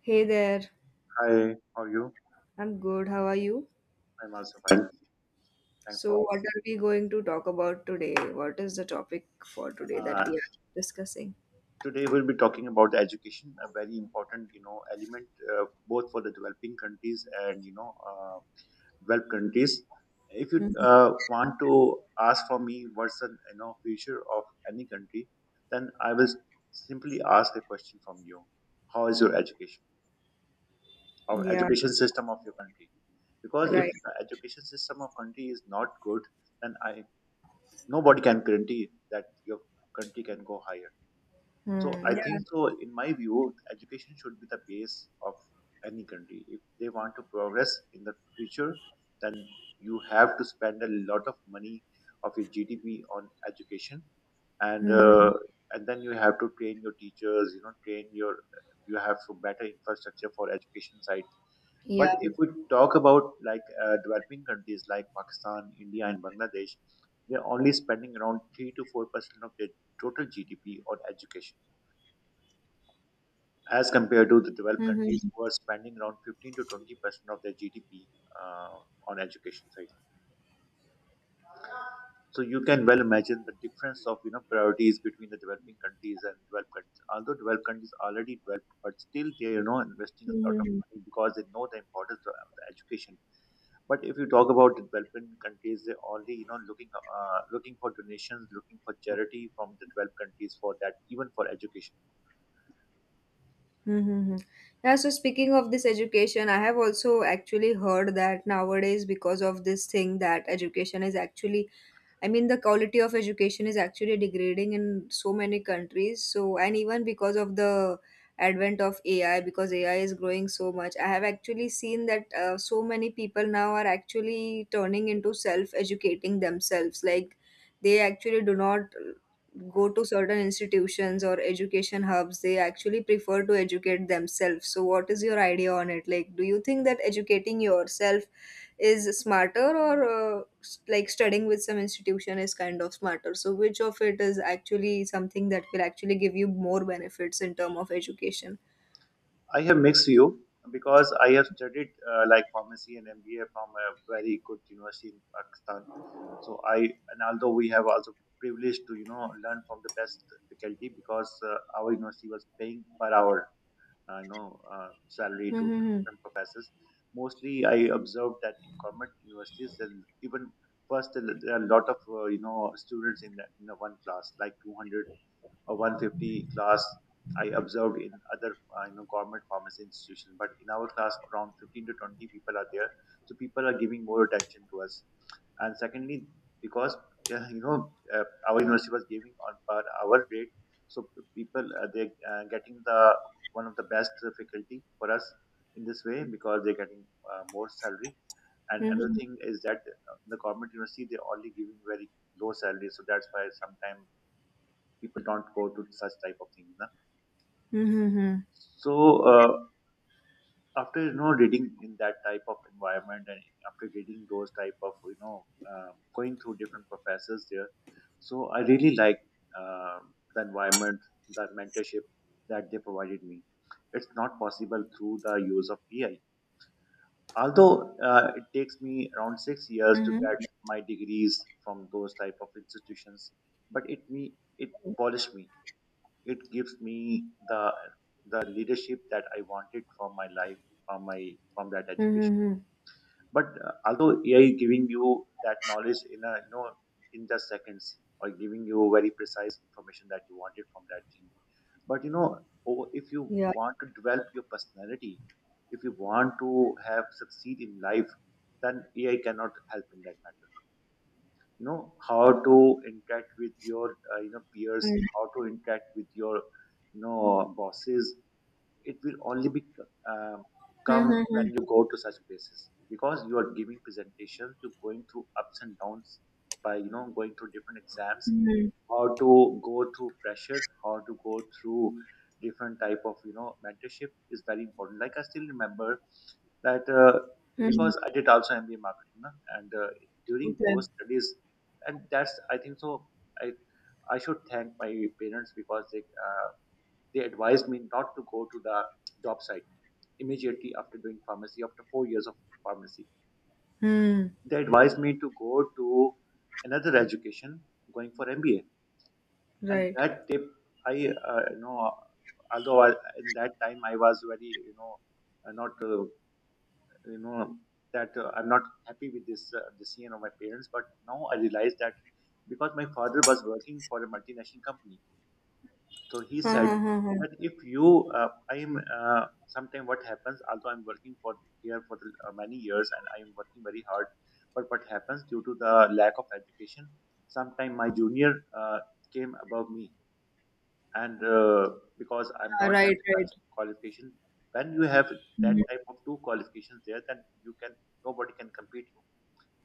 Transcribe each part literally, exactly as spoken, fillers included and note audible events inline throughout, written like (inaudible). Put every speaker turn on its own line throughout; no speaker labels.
Hey there,
Hi, how are you?
I'm good. How are you?
I'm also fine. Thanks
So,
for
what are we going to talk about today? What is the topic for today that
uh,
we are discussing?
Today we'll be talking about the education, a very important you know element, uh, both for the developing countries and you know uh, developed countries. If you
Mhm.
uh, want to ask for me what's the you know future of any country, then I will simply ask a question from you: How is your education or
Yeah,
education system of your country? Because if
right.
the education system of country is not good, then I nobody can guarantee that your country can go higher.
Hmm.
So I
Yeah.
think so. In my view, education should be the base of any country. If they want to progress in the future, then you have to spend a lot of money of your G D P on education, and uh,
Hmm.
and then you have to train your teachers. You know, train your you have to better infrastructure for education side,
Yeah.
but if we talk about like uh, developing countries like Pakistan, India, and Bangladesh, they're only spending around three to four percent of their total G D P on education, as compared to the developed countries
Mm-hmm.
who are spending around fifteen to twenty percent of their G D P uh, on education side. So you can well imagine the difference of you know priorities between the developing countries and developed countries. Although developed countries already developed, but still they are you know investing a lot of
Mm-hmm.
money because they know the importance of the education. But if you talk about developing countries, they're only you know looking uh, looking for donations, looking for charity from the developed countries for that, even for education.
Mm-hmm. Yeah, so speaking of this education, I have also actually heard that nowadays, because of this thing, that education is actually, I mean, the quality of education is actually degrading in so many countries. So, and even because of the advent of A I, because A I is growing so much, I have actually seen that uh, so many people now are actually turning into self educating themselves. Like, they actually do not go to certain institutions or education hubs. They actually prefer to educate themselves. So, what is your idea on it? Like, do you think that educating yourself is smarter, or uh, s- like studying with some institution is kind of smarter? So which of it is actually something that will actually give you more benefits in term of education?
I have mixed view because I have studied uh, like pharmacy and M B A from a very good university in Pakistan. So I and although we have also privileged to you know learn from the best faculty because uh, our university was paying per hour uh, you know uh, salary to the
Mm-hmm.
different professors. Mostly, I observed that in government universities, and even first there are a lot of uh, you know students in the, in the one class, like two hundred or one hundred fifty class. I observed in other uh, you know government pharmacy institutions, but in our class around fifteen to twenty people are there, so people are giving more attention to us, and secondly, because uh, you know uh, our university was giving on per hour rate, so people uh, they uh, getting the one of the best faculty for us in this way because they're getting uh, more salary, and another
Mm-hmm.
thing is that uh, the government university they're only giving very low salary, so that's why sometimes people don't go to such type of things, na?
Mm-hmm.
So uh, after you know reading in that type of environment, and after reading those type of you know um, going through different professors there, so I really like um the environment, the mentorship that they provided me. It's not possible through the use of AI, although uh, it takes me around six years to get
Mm-hmm.
my degrees from those type of institutions, but it me it polished me. It gives me the the leadership that I wanted from my life, from my from that education.
Mm-hmm.
But uh, although A I giving you that knowledge in a you know in just seconds, or giving you very precise information that you wanted from that thing. But you know, o- if you
Yeah.
want to develop your personality, if you want to have succeed in life, then A I cannot help in that matter. You know how to interact with your uh, you know peers,
Mm-hmm.
how to interact with your you know bosses. It will only be uh, come when
Mm-hmm.
you go to such places because you are giving presentations, you're going through ups and downs, by you know going through different exams, how to go through pressure, how to go through different type of you know mentorship is very important. Like, I still remember that uh,
Mm-hmm.
because I did also M B A marketing, na, and uh, during
Okay.
those studies, and that's, I think so. I I should thank my parents because they uh, they advised me not to go to the job site immediately after doing pharmacy. After four years of pharmacy,
Mm.
they advised me to go to another education, going for M B A, and
Right.
that tip I uh, you know although I, in that time I was very you know uh, not uh, you know that uh, I'm not happy with this uh, decision of my parents. But now I realize that because my father was working for a multinational company, so he
Huh,
said
huh, huh, huh.
that if you, uh, I am uh, sometime what happens. Although I'm working for here for the, uh, many years and I am working very hard, but what happens due to the lack of education, sometime my junior uh, came above me, and uh, because I
Ah,
don't have
right, right.
such qualification, when you have that
Mhm.
type of two qualifications there, then you can nobody can compete you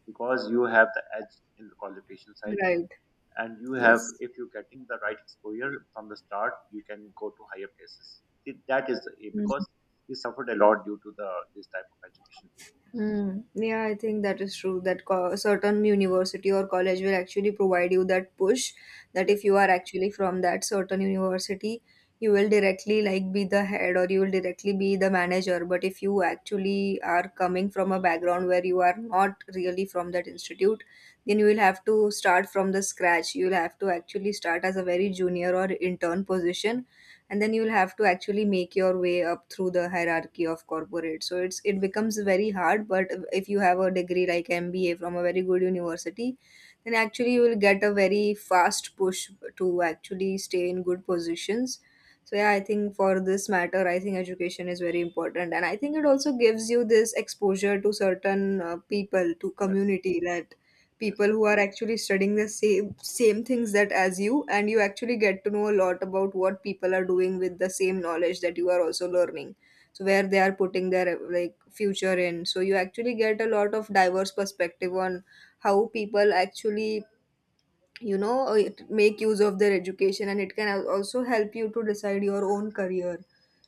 because you have the edge in the qualification side,
Right.
and you have
Yes.
if you're getting the right exposure from the start, you can go to higher places. Th- That is the aim because he suffered a lot due to the this type of education thing.
Hmm. Yeah, I think that is true. That co- certain university or college will actually provide you that push, that if
Yes,
you are actually from that certain university, you will directly like be the head, or you will directly be the manager. But if you actually are coming from a background where you are not really from that institute, then you will have to start from the scratch. You will have to actually start as a very junior or intern position, and then you'll have to actually make your way up through the hierarchy of corporate, so it's it becomes very hard. But if you have a degree like M B A from a very good university, then actually you will get a very fast push to actually stay in good positions. So yeah, I think for this matter, I think education is very important, and I think it also gives you this exposure to certain uh, people, to
yes,
community, that
yes.
people who are actually studying the same same things that as you, and you actually get to know a lot about what people are doing with the same knowledge that you are also learning, so where they are putting their like future in, so you actually get a lot of diverse perspective on how people actually you know uh, it- make use of their education, and it can al- also help you to decide your own career.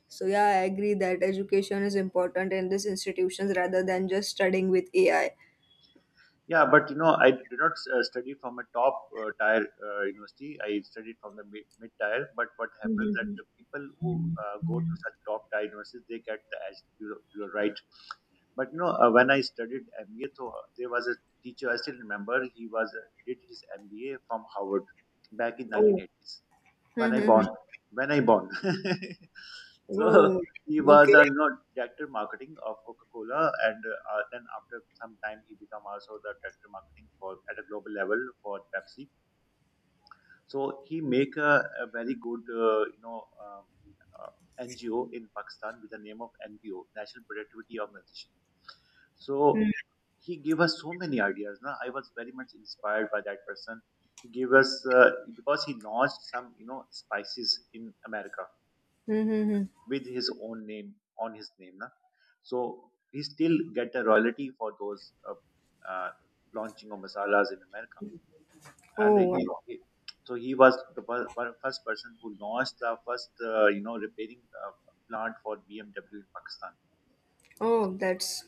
So yeah, I agree that education is important in these institutions rather than just studying with A I.
Yeah, but you know, I did not uh, study from a top uh, tier uh, university. I studied from the mid, mid tier. But what happens that
Mhm.
the people who uh, go to such top tier universities, they get the edge. You, you're right. But you know, uh, when I studied M B A, so there was a teacher I still remember. He was uh, did his M B A from Harvard back in
Oh.
nineteen eighties when I
Mhm.
born. When I born. (laughs) So
Oh,
he was
okay.
a you know director marketing of Coca-Cola, and uh, uh, then after some time he become also the director marketing for at a global level for Pepsi. So he make a, a very good uh, you know. Um, uh, N G O in Pakistan with the name of N P O, National Productivity Organization. So he gave us so many ideas. Na? I was very much inspired by that person. He gave us uh, because he launched some you know spices in America
Mm-hmm.
with his own name on his name. Na? So he still get a royalty for those uh, uh, launching of masalas in America. And
Oh,
he,
wow.
he- so he was the fir- fir- first person who launched the first uh, you know repairing uh, plant for B M W in Pakistan.
Oh, that's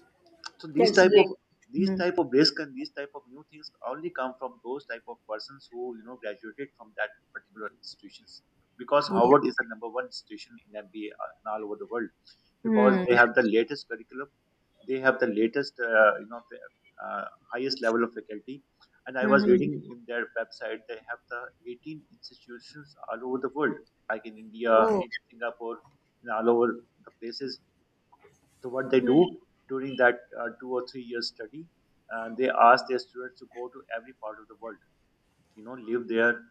So these
that's
type of
great.
these
Mm-hmm.
type of risk and these type of new things only come from those type of persons who you know graduated from that particular institutions. Because
Yeah.
Harvard is the number one institution in M B A uh, all over the world, because
Mm-hmm.
they have the latest curriculum, they have the latest uh, you know the, uh, highest level of faculty. And I was
Mm-hmm.
reading in their website they have the eighteen institutions all over the world, like in India,
Oh.
in Singapore, in all over the places, so what they do during that uh, two or three years study, uh, they ask their students to go to every part of the world. You know, live there,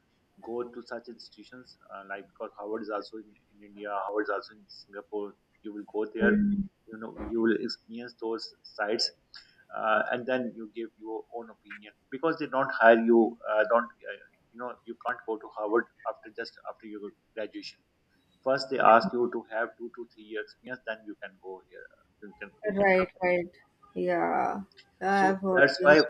go to such institutions uh, like because Harvard is also in, in India, Harvard is also in Singapore. You will go there,
Mhm.
you know, you will experience those sites, uh, and then you give your own opinion because they don't hire you, uh, don't uh, you know, you can't go to Harvard after just after your graduation. First, they ask you to have two to three year experience, then you can go here. You can you can come
Right,
here.
right. Yeah,
So
I've heard
that's why
this.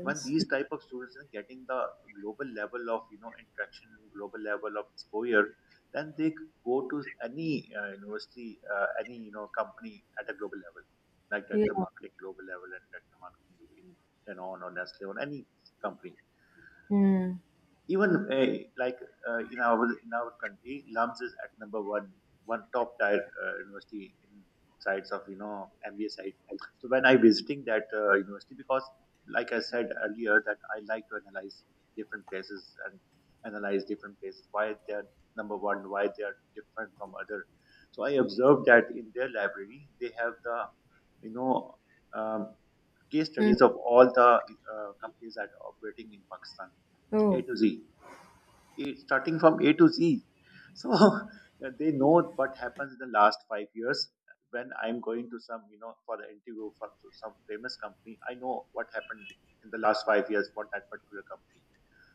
when these type of students are getting the global level of you know interaction and global level of exposure, then they go to any uh, university, uh, any you know company at a global level, like director
Yeah.
marketing global level and director marketing in Danone or Nestle or any company.
Mm.
Even uh, like uh, in our in our country, Lums is at number one, one top tier uh, university in sites of you know M B A site. So when I visiting that uh, university, because like I said earlier, that I like to analyze different places, and analyze different places why they are number one, why they are different from other. So I observed that in their library they have the you know um, case
Hmm.
studies of all the uh, companies that are operating in Pakistan, A
Oh.
to Z, eh, starting from A to Z. So (laughs) they know what happens in the last five years. When I'm going to some, you know, for the interview for to some famous company, I know what happened in the last five years for that particular company.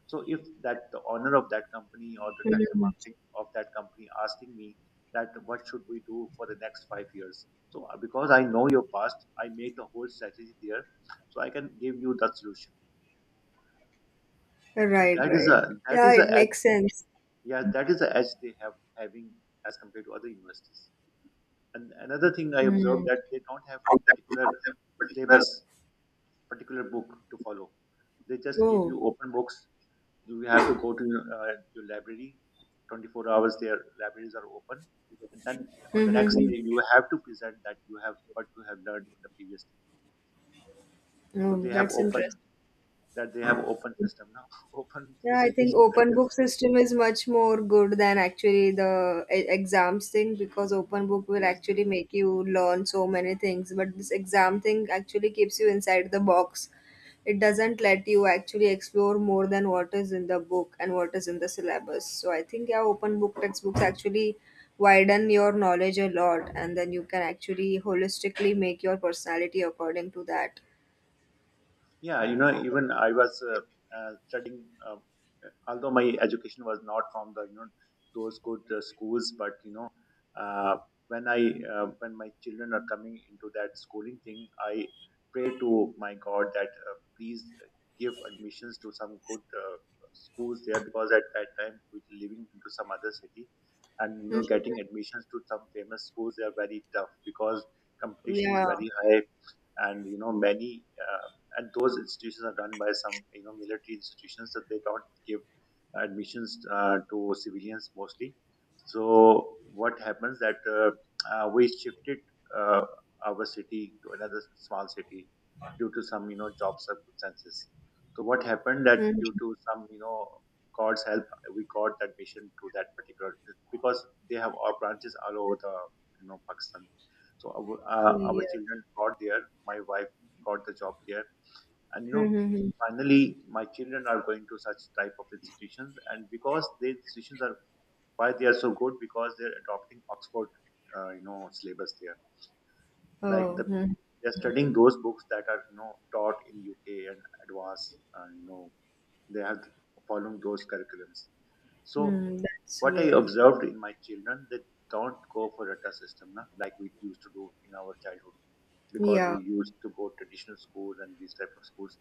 So if that the owner of that company or the director
Mm.
marketing of that company asking me that what should we do for the next five years, so uh, because I know your past, I make the whole strategy there, so I can give you that solution. So
Right,
that is
right.
a that
Yeah,
is a
it makes sense.
Yeah, that is the edge they have having as compared to other universities. And another thing I observed
Mm.
that they don't have particular syllabus, particular book to follow. They just give
Oh.
you open books. You have to go to uh, your library. twenty-four hours their libraries are open. And then on the
Mm-hmm.
next day,
Mm-hmm.
you have to present that you have what you have learned in the previous day. So
Oh,
they have
that's
open
interesting.
that they have open system now, (laughs) open
Yeah, I think
facilitation
open
center.
book system is much more good than actually the e- exams thing, because open book will
Yes.
actually make you learn so many things. But this exam thing actually keeps you inside the box. It doesn't let you actually explore more than what is in the book and what is in the syllabus. So I think yeah, open book textbooks actually widen your knowledge a lot, and then you can actually holistically make your personality according to that.
Yeah, you know, even I was uh, uh, studying, uh, although my education was not from the you know those good uh, schools, but you know, uh, when I uh, when my children are coming into that schooling thing, I pray to my God that uh, please give admissions to some good uh, schools there because at that time we were living into some other city, and you
Mhm.
know, getting admissions to some famous schools they are very tough because competition is
Yeah.
very high and you know many uh, and those institutions are run by some you know military institutions that they don't give admissions uh, to civilians mostly. So what happens that uh, uh, we shifted uh, our city to another small city due to some you know job circumstances. So what happened that
Mhm.
due to some you know God's help, we got that mission to that particular because they have our branches all over the you know Pakistan. So our, uh, our
Yeah.
children got there. My wife got the job there, and you know
Mhm.
finally my children are going to such type of institutions and because these institutions are why they are so good because they're adopting Oxford uh, you know syllabus there like
Oh,
the
hmm.
they're studying those books that are you know taught in UK and advanced uh, you know they are following those curriculums. So
Hmm, that's
what I
great.
observed in my children, they don't go for rata system na, like we used to do in our childhood because
Yeah.
we used to go traditional schools and these type of schools.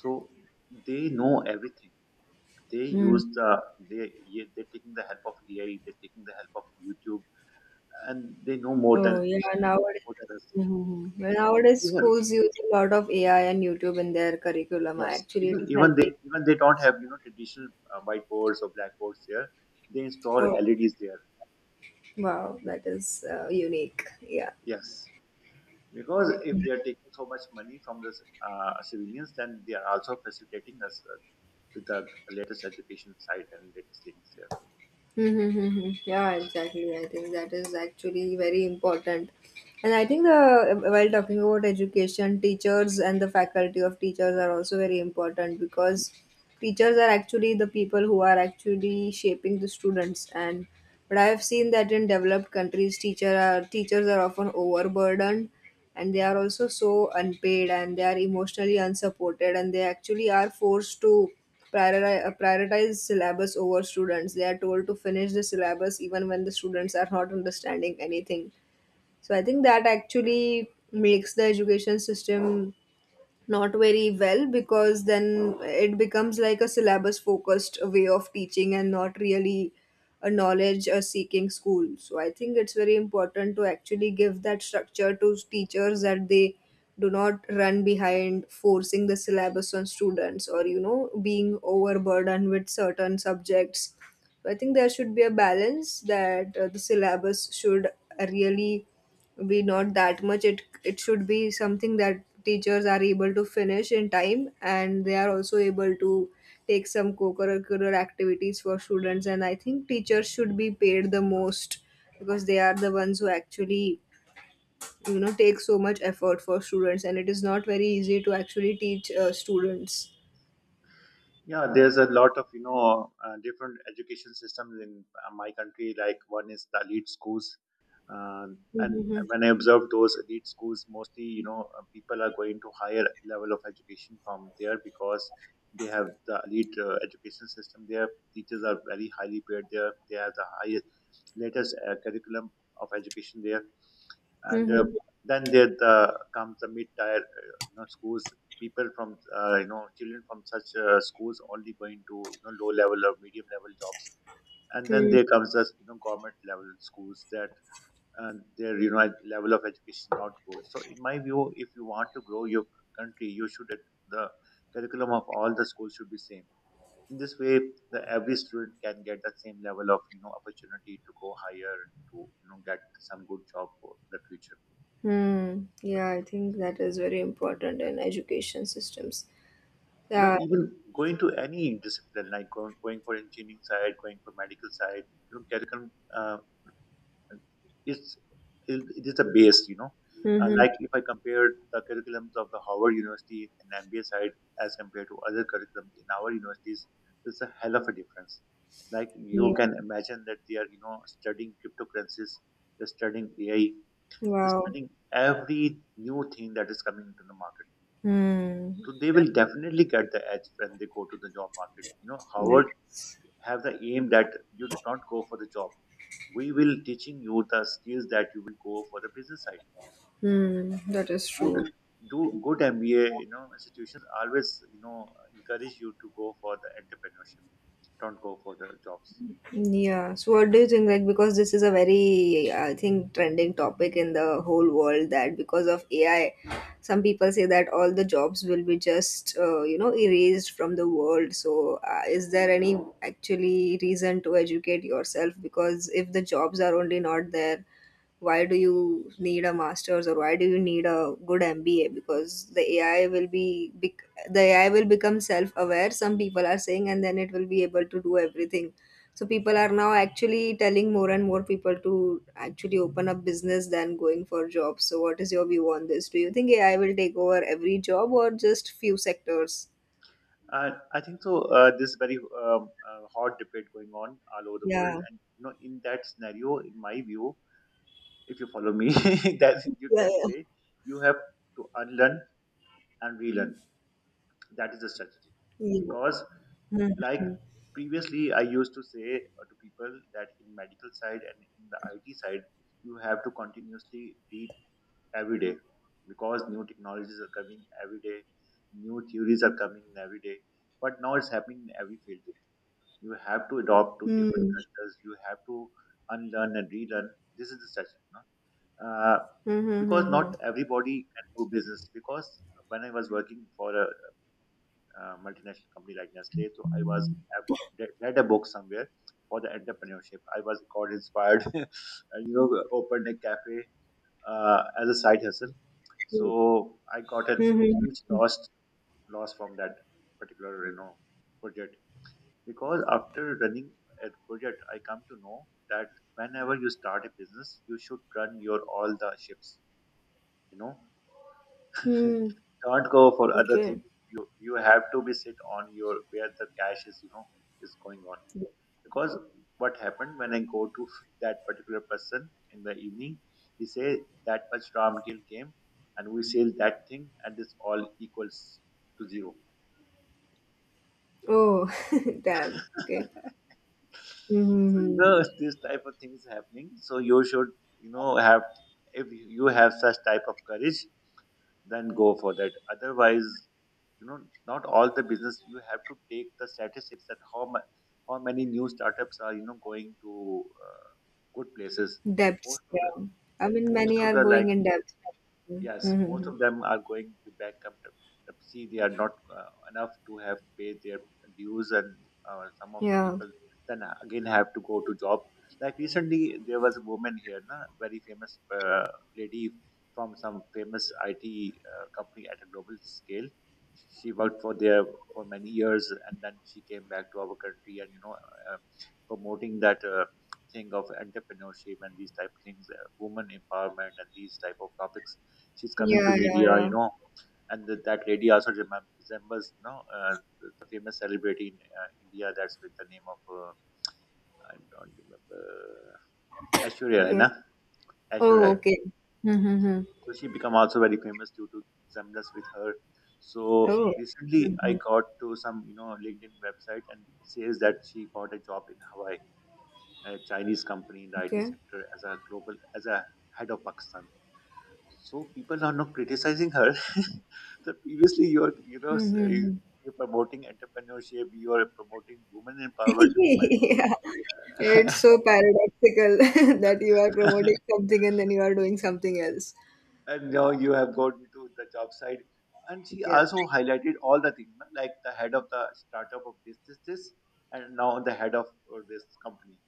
So they know everything. they
Hmm.
use the they yeah, they're taking the help of A I, they're taking the help of YouTube and they know more than
Oh, yeah. Nowadays,
more than us.
Mhm. Well, nowadays
even
schools use a lot of A I and YouTube in their curriculum.
yes
Actually, it
even
is
even they
helping.
even they don't have you know traditional uh, whiteboards or blackboards there. They install
Oh,
L E Ds there.
wow, that is uh, unique. Yeah.
Yes, because if they are taking so much money from the uh, civilians, then they are also facilitating us uh, with the latest education side and latest things.
Mm-hmm. Yeah, exactly. I think that is actually very important. And I think the while talking about education, teachers and the faculty of teachers are also very important, because teachers are actually the people who are actually shaping the students, and but I have seen that in developed countries, teacher are teachers are often overburdened, and they are also so unpaid, and they are emotionally unsupported, and they actually are forced to priori- uh, prioritize syllabus over students. They are told to finish the syllabus even when the students are not understanding anything. So I think that actually makes the education system not very well, because then it becomes like a syllabus focused way of teaching and not really a knowledge uh, seeking school. So I think it's very important to actually give that structure to teachers, that they do not run behind forcing the syllabus on students, or you know being overburdened with certain subjects. So I think there should be a balance, that uh, the syllabus should really be not that much. It it should be something that teachers are able to finish in time, and they are also able to take some co-curricular activities for students. And I think teachers should be paid the most, because they are the ones who actually you know take so much effort for students, and it is not very easy to actually teach uh, students.
Yeah, there's a lot of you know uh, different education systems in uh, my country. Like one is the elite schools, uh, and
Hmm.
when I observe those elite schools, mostly you know uh, people are going to higher level of education from there because they have the elite uh, education system. Their teachers are very highly paid there. They have the highest, latest uh, curriculum of education there and uh, then there the, comes the mid-tier uh, you know schools. People from uh, you know children from such uh, schools only going to you know low level or medium level jobs. And then
Hmm.
there comes the you know government level schools that uh, their you know ed- level of education is not good. So in my view, if you want to grow your country, you should at- the curriculum of all the schools should be same. In this way, the every student can get the same level of you know opportunity to go higher, to you know get some good job for the future.
Hmm. Yeah, I think that is very important in education systems.
You know,
Yeah.
even going to any discipline, like going, going for engineering side, going for medical side, you know curriculum uh, is it, it is the base, you know. Uh,
Hmm.
like if I compare the curriculums of the Howard University and MBA side as compared to other curriculums in our universities, there's a hell of a difference. Like you
Yeah.
can imagine that they are you know studying cryptocurrencies, they're studying A I, they're
Wow.
studying every new thing that is coming into the market.
Hmm.
So they will definitely get the edge when they go to the job market. You know, Howard
Yes.
have the aim that you not go for the job. We will teaching you the skills that you will go for the business side.
Hmm. That is
Good,
true.
do good M B A. You know, institutions always you know encourage you to go for the entrepreneurship. Don't go for the jobs.
Yeah. So, what do you think? Like, because this is a very, I think, trending topic in the whole world, that because of A I, some people say that all the jobs will be just, uh, you know, erased from the world. So, uh, is there any actually reason to educate yourself? Because if the jobs are only not there, why do you need a master's, or why do you need a good M B A, because the A I will be bec- the A I will become self aware, some people are saying, and then it will be able to do everything. So people are now actually telling more and more people to actually open up business than going for jobs. So what is your view on this? Do you think A I will take over every job, or just few sectors?
Uh, I think so. Uh, this is very um, uh, hot debate going on all over the world,
Yeah,
and you know, in that scenario, in my view, if you follow me, (laughs) that you
yeah,
can
yeah.
say you have to unlearn and relearn. That is the strategy.
Yeah.
Because,
Hmm.
like
Hmm.
previously, I used to say uh, to people that in medical side and in the I T side, you have to continuously read every day because new technologies are coming every day, new theories are coming every day. But now it's happening in every field. You have to adopt to different
Hmm.
cultures. You have to unlearn and relearn. This is the strategy, no? Uh,
Hmm.
because
Hmm.
not everybody can do business. Because when I was working for a uh, multinational company like Nestle. So I was I've re- read a book somewhere for the entrepreneurship. I was got inspired, (laughs) and, you know, opened a cafe uh, as a side hustle.
Hmm.
So I got a
Hmm.
huge
Hmm.
loss loss from that particular you know project because after running a project, I come to know that whenever you start a business, you should run your all the ships. You know,
Hmm.
can't go for other things.
Okay.
You you have to be sit on your where the cash is, you know, is going on. Because what happened when I go to (laughs) that particular person in the evening, he say that much ram deal came, and we sell that thing, and this all equals to zero.
Oh, (laughs) damn. Okay.
(laughs) So you
Mm-hmm.
know this type of things happening. So you should you know have if you have such type of courage, then go for that. Otherwise, you know not all the business you have to take the statistics that how much how many new startups are you know going to uh, good places.
Depths.
Most of the
Yeah. I mean,
most
many
of
are
the
going
like
in depth.
Yes, most
Mm-hmm.
of them are going to bankruptcy. They are not uh, enough to have paid their dues, and uh, some of the
Yeah.
people then again have to go to job. Like recently, there was a woman here, na, very famous uh, lady from some famous I T uh, company at a global scale. She worked for there for many years, and then she came back to our country, and you know, uh, promoting that. Uh, thing of entrepreneurship and these type of things uh, woman empowerment and these type of topics, she's coming to
Yeah. Yeah.
media, you
Yeah.
know. And th- that lady also remem- resembles, you know, uh, the famous celebrity in uh, India. That's with the name of uh, I don't remember, Ashwarya, Rai, na?
Okay.
Ashwarya.
Oh,
Rai.
okay. Mm-hmm.
So she become also very famous due to resemblance with her. So
Oh.
recently, I
Mm-hmm.
got to some you know LinkedIn website and it says that she got a job in Hawaii, a Chinese company in the I T
Okay.
sector as a global, as a head of Pakistan. So people are not criticizing her. (laughs) So previously, you're you know s- you-
Mm-hmm.
are promoting entrepreneurship, you are promoting women
(laughs)
empowerment,
Yeah. It's so
(laughs)
paradoxical (laughs) that you are promoting something and then you are doing something else.
and now you have gone to the job site. And she
Yeah.
also highlighted all the things no, like the head of the startup of this this this, and now the head of uh, this company.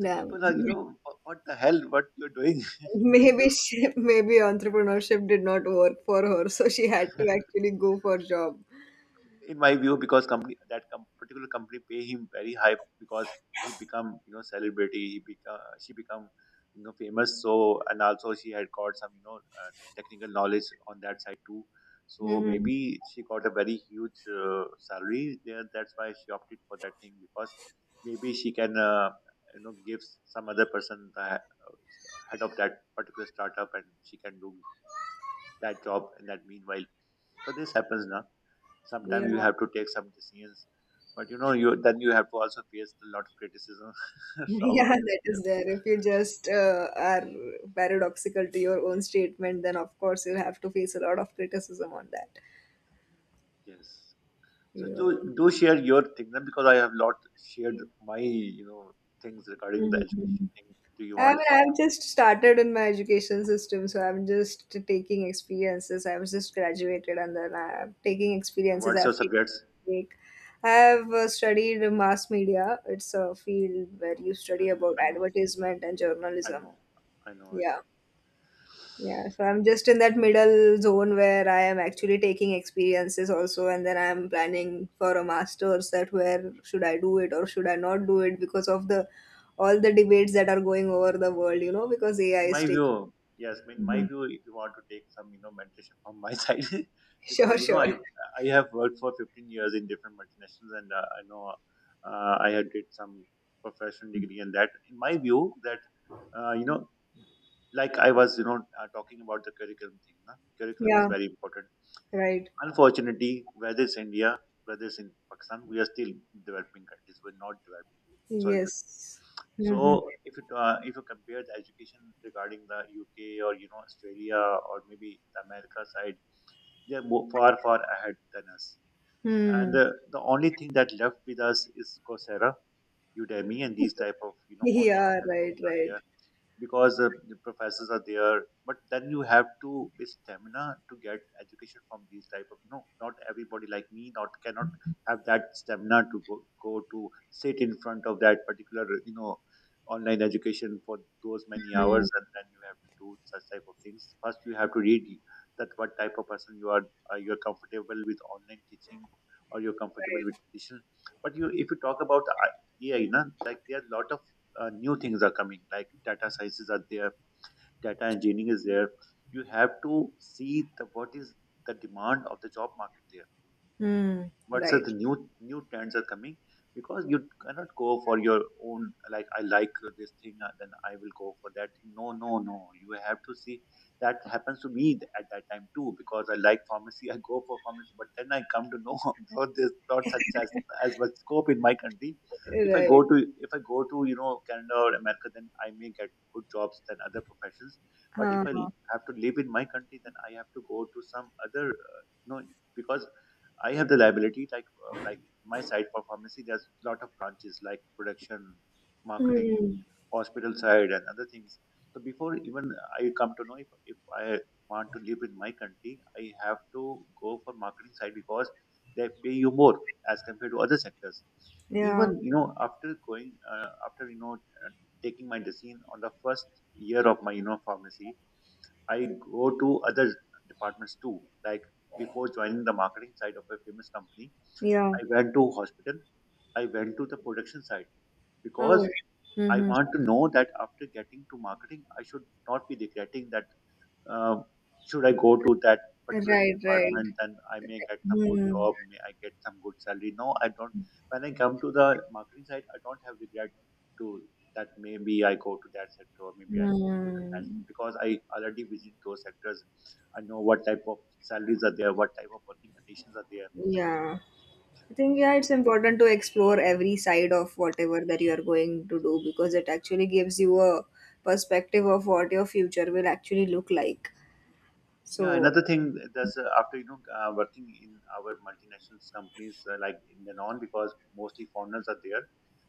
So people are, you know what what the hell what you're doing (laughs) with,
maybe she, (laughs) maybe entrepreneurship did not work for her, so she had to actually go for job.
in my view, because company that com- particular company pay him very high because he become, you know, celebrity, he become, she become you know, famous. So and also she had got some, you know, uh, technical knowledge on that side too. So
Hmm.
maybe she got a very huge uh, salary there, that's why she opted for that thing. Because maybe she can, uh, you know, give some other person the uh, head of that particular startup, and she can do that job in that meanwhile. So this happens now.
Yeah,
Sometimes you have to take some decisions, but you know, you then you have to also face a lot of criticism
(laughs)
(laughs) from
yeah,
other
that is
peers.
there. If you just uh, are paradoxical to your own statement, then of course you'll have to face a lot of criticism on that.
Yes. So do,
Yeah.
do share your thing then, because I have lot shared my, you know, things regarding the education thing. Do you
I
want
mean,
to say
I've
something?
just started in my education system, so I'm just taking experiences. I was just graduated, and then I'm taking
So
experiences.
what's your
I've taken
subjects?
like I've uh, studied mass media. It's a field where you study
Hmm,
about
i know
advertisement and
i
journalism.
know i know i
Yeah.
know
Yeah, so I'm just in that middle zone where I am actually taking experiences also, and then I'm planning for a master's, that where should I do it or should I not do it, because of the all the debates that are going over the world, you know, because A I
In my
is taking.
view, yes, in my
Mhm. (laughs)
view, if you want to take some, you know, mentorship from my (laughs) side,
Sure,
because you know,
sure.
I I have worked for fifteen years in different multinationals, and uh, I know uh, I had did some professional degree, and that, in my view, that uh, you know, like I was, you know, uh, talking about the curriculum thing. Na? Curriculum is
Yeah,
very important.
right.
Unfortunately, whether it's India, whether it's in Pakistan, we are still developing countries. We're not developed. Sorry to.
Yes. Mm-hmm.
So if you uh, if you compare the education regarding the U K or you know, Australia, or maybe the America side, they are more, far far ahead than us. And
Hmm.
uh, the only thing that left with us is Coursera, Udemy, and these type of, you
(laughs)
know, online
Yeah,
platforms
right,
are there.
right,
Because uh, the professors are there, but then you have to be stamina to get education from these type of, you know, not everybody like me not cannot have that stamina to go, go to sit in front of that particular, you know, online education for those many hours. And then you have to do such type of things. First you have to read that what type of person you are, uh, you are comfortable with online teaching or you're comfortable with
right.
traditional. But you if you talk about the A I, na, like there are a lot of uh, new things are coming, like data sciences are there, data engineering is there. You have to see the what is the demand of the job market there.
Hmm.
What's
Right,
the new new trends are coming? Because you cannot go for your own, like I like, uh, this thing, uh, then I will go for that thing. No, no, no, you have to see. That happens to me th- at that time too, because I like pharmacy. (laughs) I go for pharmacy, but then I come to know (laughs) though there's not such as as much scope in my country. If I go
right.
to, if i go to you know, Canada or America, then I may get good jobs than other professions. But if I
Huh.
have to live in my country, then I have to go to some other, uh, you know, because I have the liability, like uh, like my side for pharmacy. There's a lot of branches like production, marketing,
Hmm.
hospital side, and other things. So before even I come to know, if, if I want to live in my country, I have to go for marketing side because they pay you more as compared to other sectors.
Yeah,
Even, you know, after going uh, after you know, uh, taking my decision on the first year of my, you know, pharmacy, I go to other departments too. Like before joining the marketing side of a famous company,
yeah.
I went to hospital. I went to the production side
Oh.
because I
Mm-hmm.
want to know that after getting to marketing, I should not be regretting that uh, should I go to that particular
Right, right.
department. Then I may get some good
Hmm.
job, may I get some good salary? No, I don't. When I come to the marketing side, I don't have regret to that maybe I go to that sector or maybe I go to that sector,
Hmm.
because I already visit those sectors. I know what type of salaries are there, what type of working conditions are there.
Yeah. I think yeah, it's important to explore every side of whatever that you are going to do, because it actually gives you a perspective of what your future will actually look like.
Yeah,
So,
another thing that's uh, after you know, uh, working in our multinational companies, uh, like in the non, because mostly foreigners are there.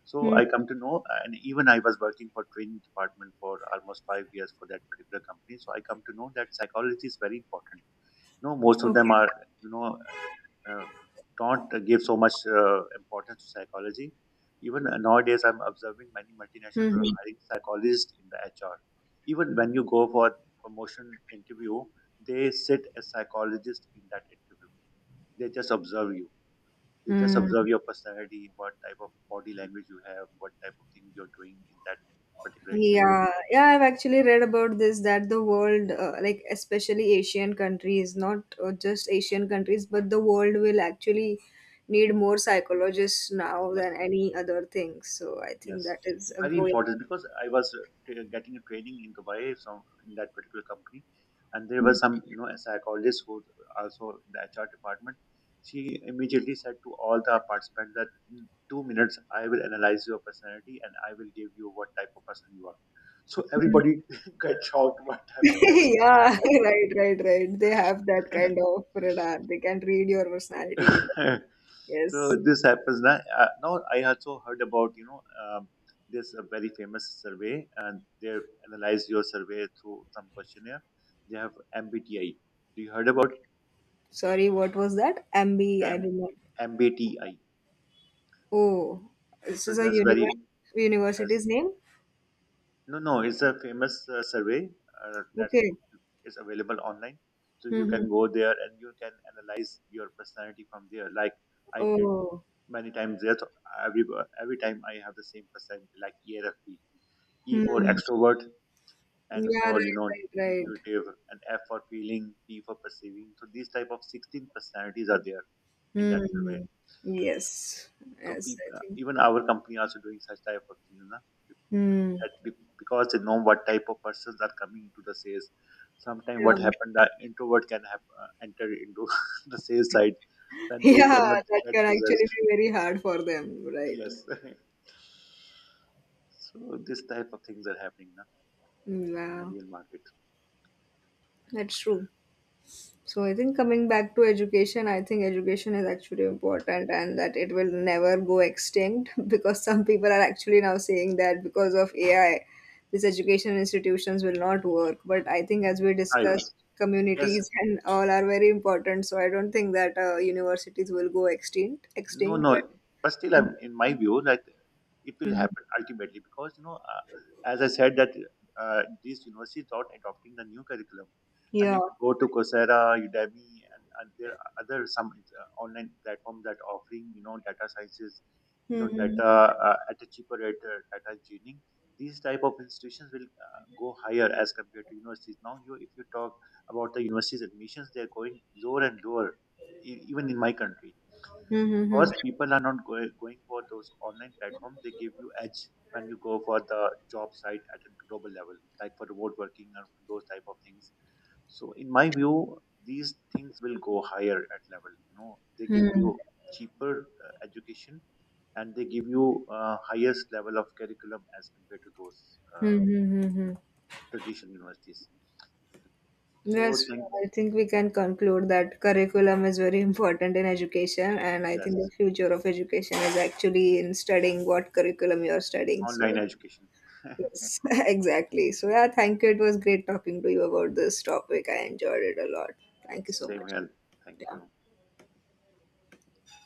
So
hmm.
I come to know, uh, and even I was working for training department for almost five years for that particular company. So I come to know that psychology is very important. You know, most of them
Okay.
are, you know, uh, don't give so much uh, importance to psychology. Even uh, nowadays, I'm observing many multinationals
Hmm.
are hiring psychologists in the H R. Even when you go for promotion interview, they sit a psychologist in that interview. They just observe you. They just
Hmm. Hmm.
observe your personality, what type of body language you have, what type of things you're doing in that particular interview.
Yeah, yeah, I've actually read about this, that the world, uh, like especially Asian countries, not uh, just Asian countries, but the world will actually need more psychologists now
Yes.
than any other thing. So I think
Yes,
that is a
very
growing.
important, because I was uh, t- getting a training in Dubai from in that particular company, and there was some, you know, a psychologist who also in the H R department. She immediately said to all the participants that in two minutes I will analyze your personality and I will give you what type of person you are. So
Mm.
everybody (laughs) got shocked what happened
(laughs) Yeah, (laughs) right, right, right. They have that kind of radar. They can read your personality.
next. (laughs) So
Yes.
this happens now. Uh, now I also heard about, you know um, this a very famous survey, and they analyze your survey through some questionnaire. They have M B T I. Do you heard about
Sorry, what was that? M B, I
M-
did not.
MBTI?
Oh, this
So
is a
that's very
univer-
yes.
university's name?
No, no, it's a famous uh, survey uh, that's
Okay.
is available online. So you
Mm-hmm.
can go there and you can analyze your personality from there. Like I did
Oh,
many times there. So every every time I have the same personality, like E R F P. E for
hmm.
extrovert, N
Yeah,
for, you
right,
know,
right, right.
intuitive, and F for feeling, P for perceiving. So these type of sixteen personalities are there in that survey.
Hmm. Yes,
So
yes,
people,
I think.
even our company also doing such type of things, na?
Hmm.
That be- because they know what type of persons are coming into the sales. Sometimes
Yeah.
what happened that introvert can have uh, enter into (laughs) the sales side,
(laughs)
then they cannot
Yeah, that
get
can actually
results.
be very hard for them, right?
Yes. (laughs) So this type of things are happening, na, in the
Yeah,
real market.
that's true. So I think coming back to education, I think education is actually important, and that it will never go extinct (laughs) because some people are actually now saying that because of A I, these education institutions will not work. But I think as we
I
discussed,
yes.
communities and all are very important. So I don't think that uh, universities will go extinct.
No,
Extinct, but
no. But still, I'm, in my view, that it will
Mhm.
happen ultimately, because you know, uh, as I said, that uh, these universities are adopting the new curriculum, and
Yeah.
if you go to Coursera, Udemy, and, and there are other some uh, online platforms that offering, you know, data sciences, you know,
Mm-hmm.
data, uh, at a cheaper rate, uh, data engineering. These type of institutions will uh, go higher as compared to universities. Now, you if you talk about the universities admissions, they are going lower and lower, e- even in my country,
Mm-hmm.
because people are not going, going for those online platforms. They give you edge when you go for the job site at a global level, like for remote working and those type of things. So in my view, these things will go higher at level, you know, they give
Mm-hmm.
you cheaper uh, education, and they give you uh, highest level of curriculum as compared to those uh,
Mm-hmm. Mm-hmm.
traditional universities. So
Yes,
thank.
I think we can conclude that curriculum is very important in education, and I
Yes.
think the future of education is actually in studying what curriculum you're studying. So,
Online education. (laughs)
yes, (laughs) exactly. So, yeah, thank you. It was great talking to you about this topic. I enjoyed it a lot. Thank you so
Same
much.
here. Thank you.
Yeah.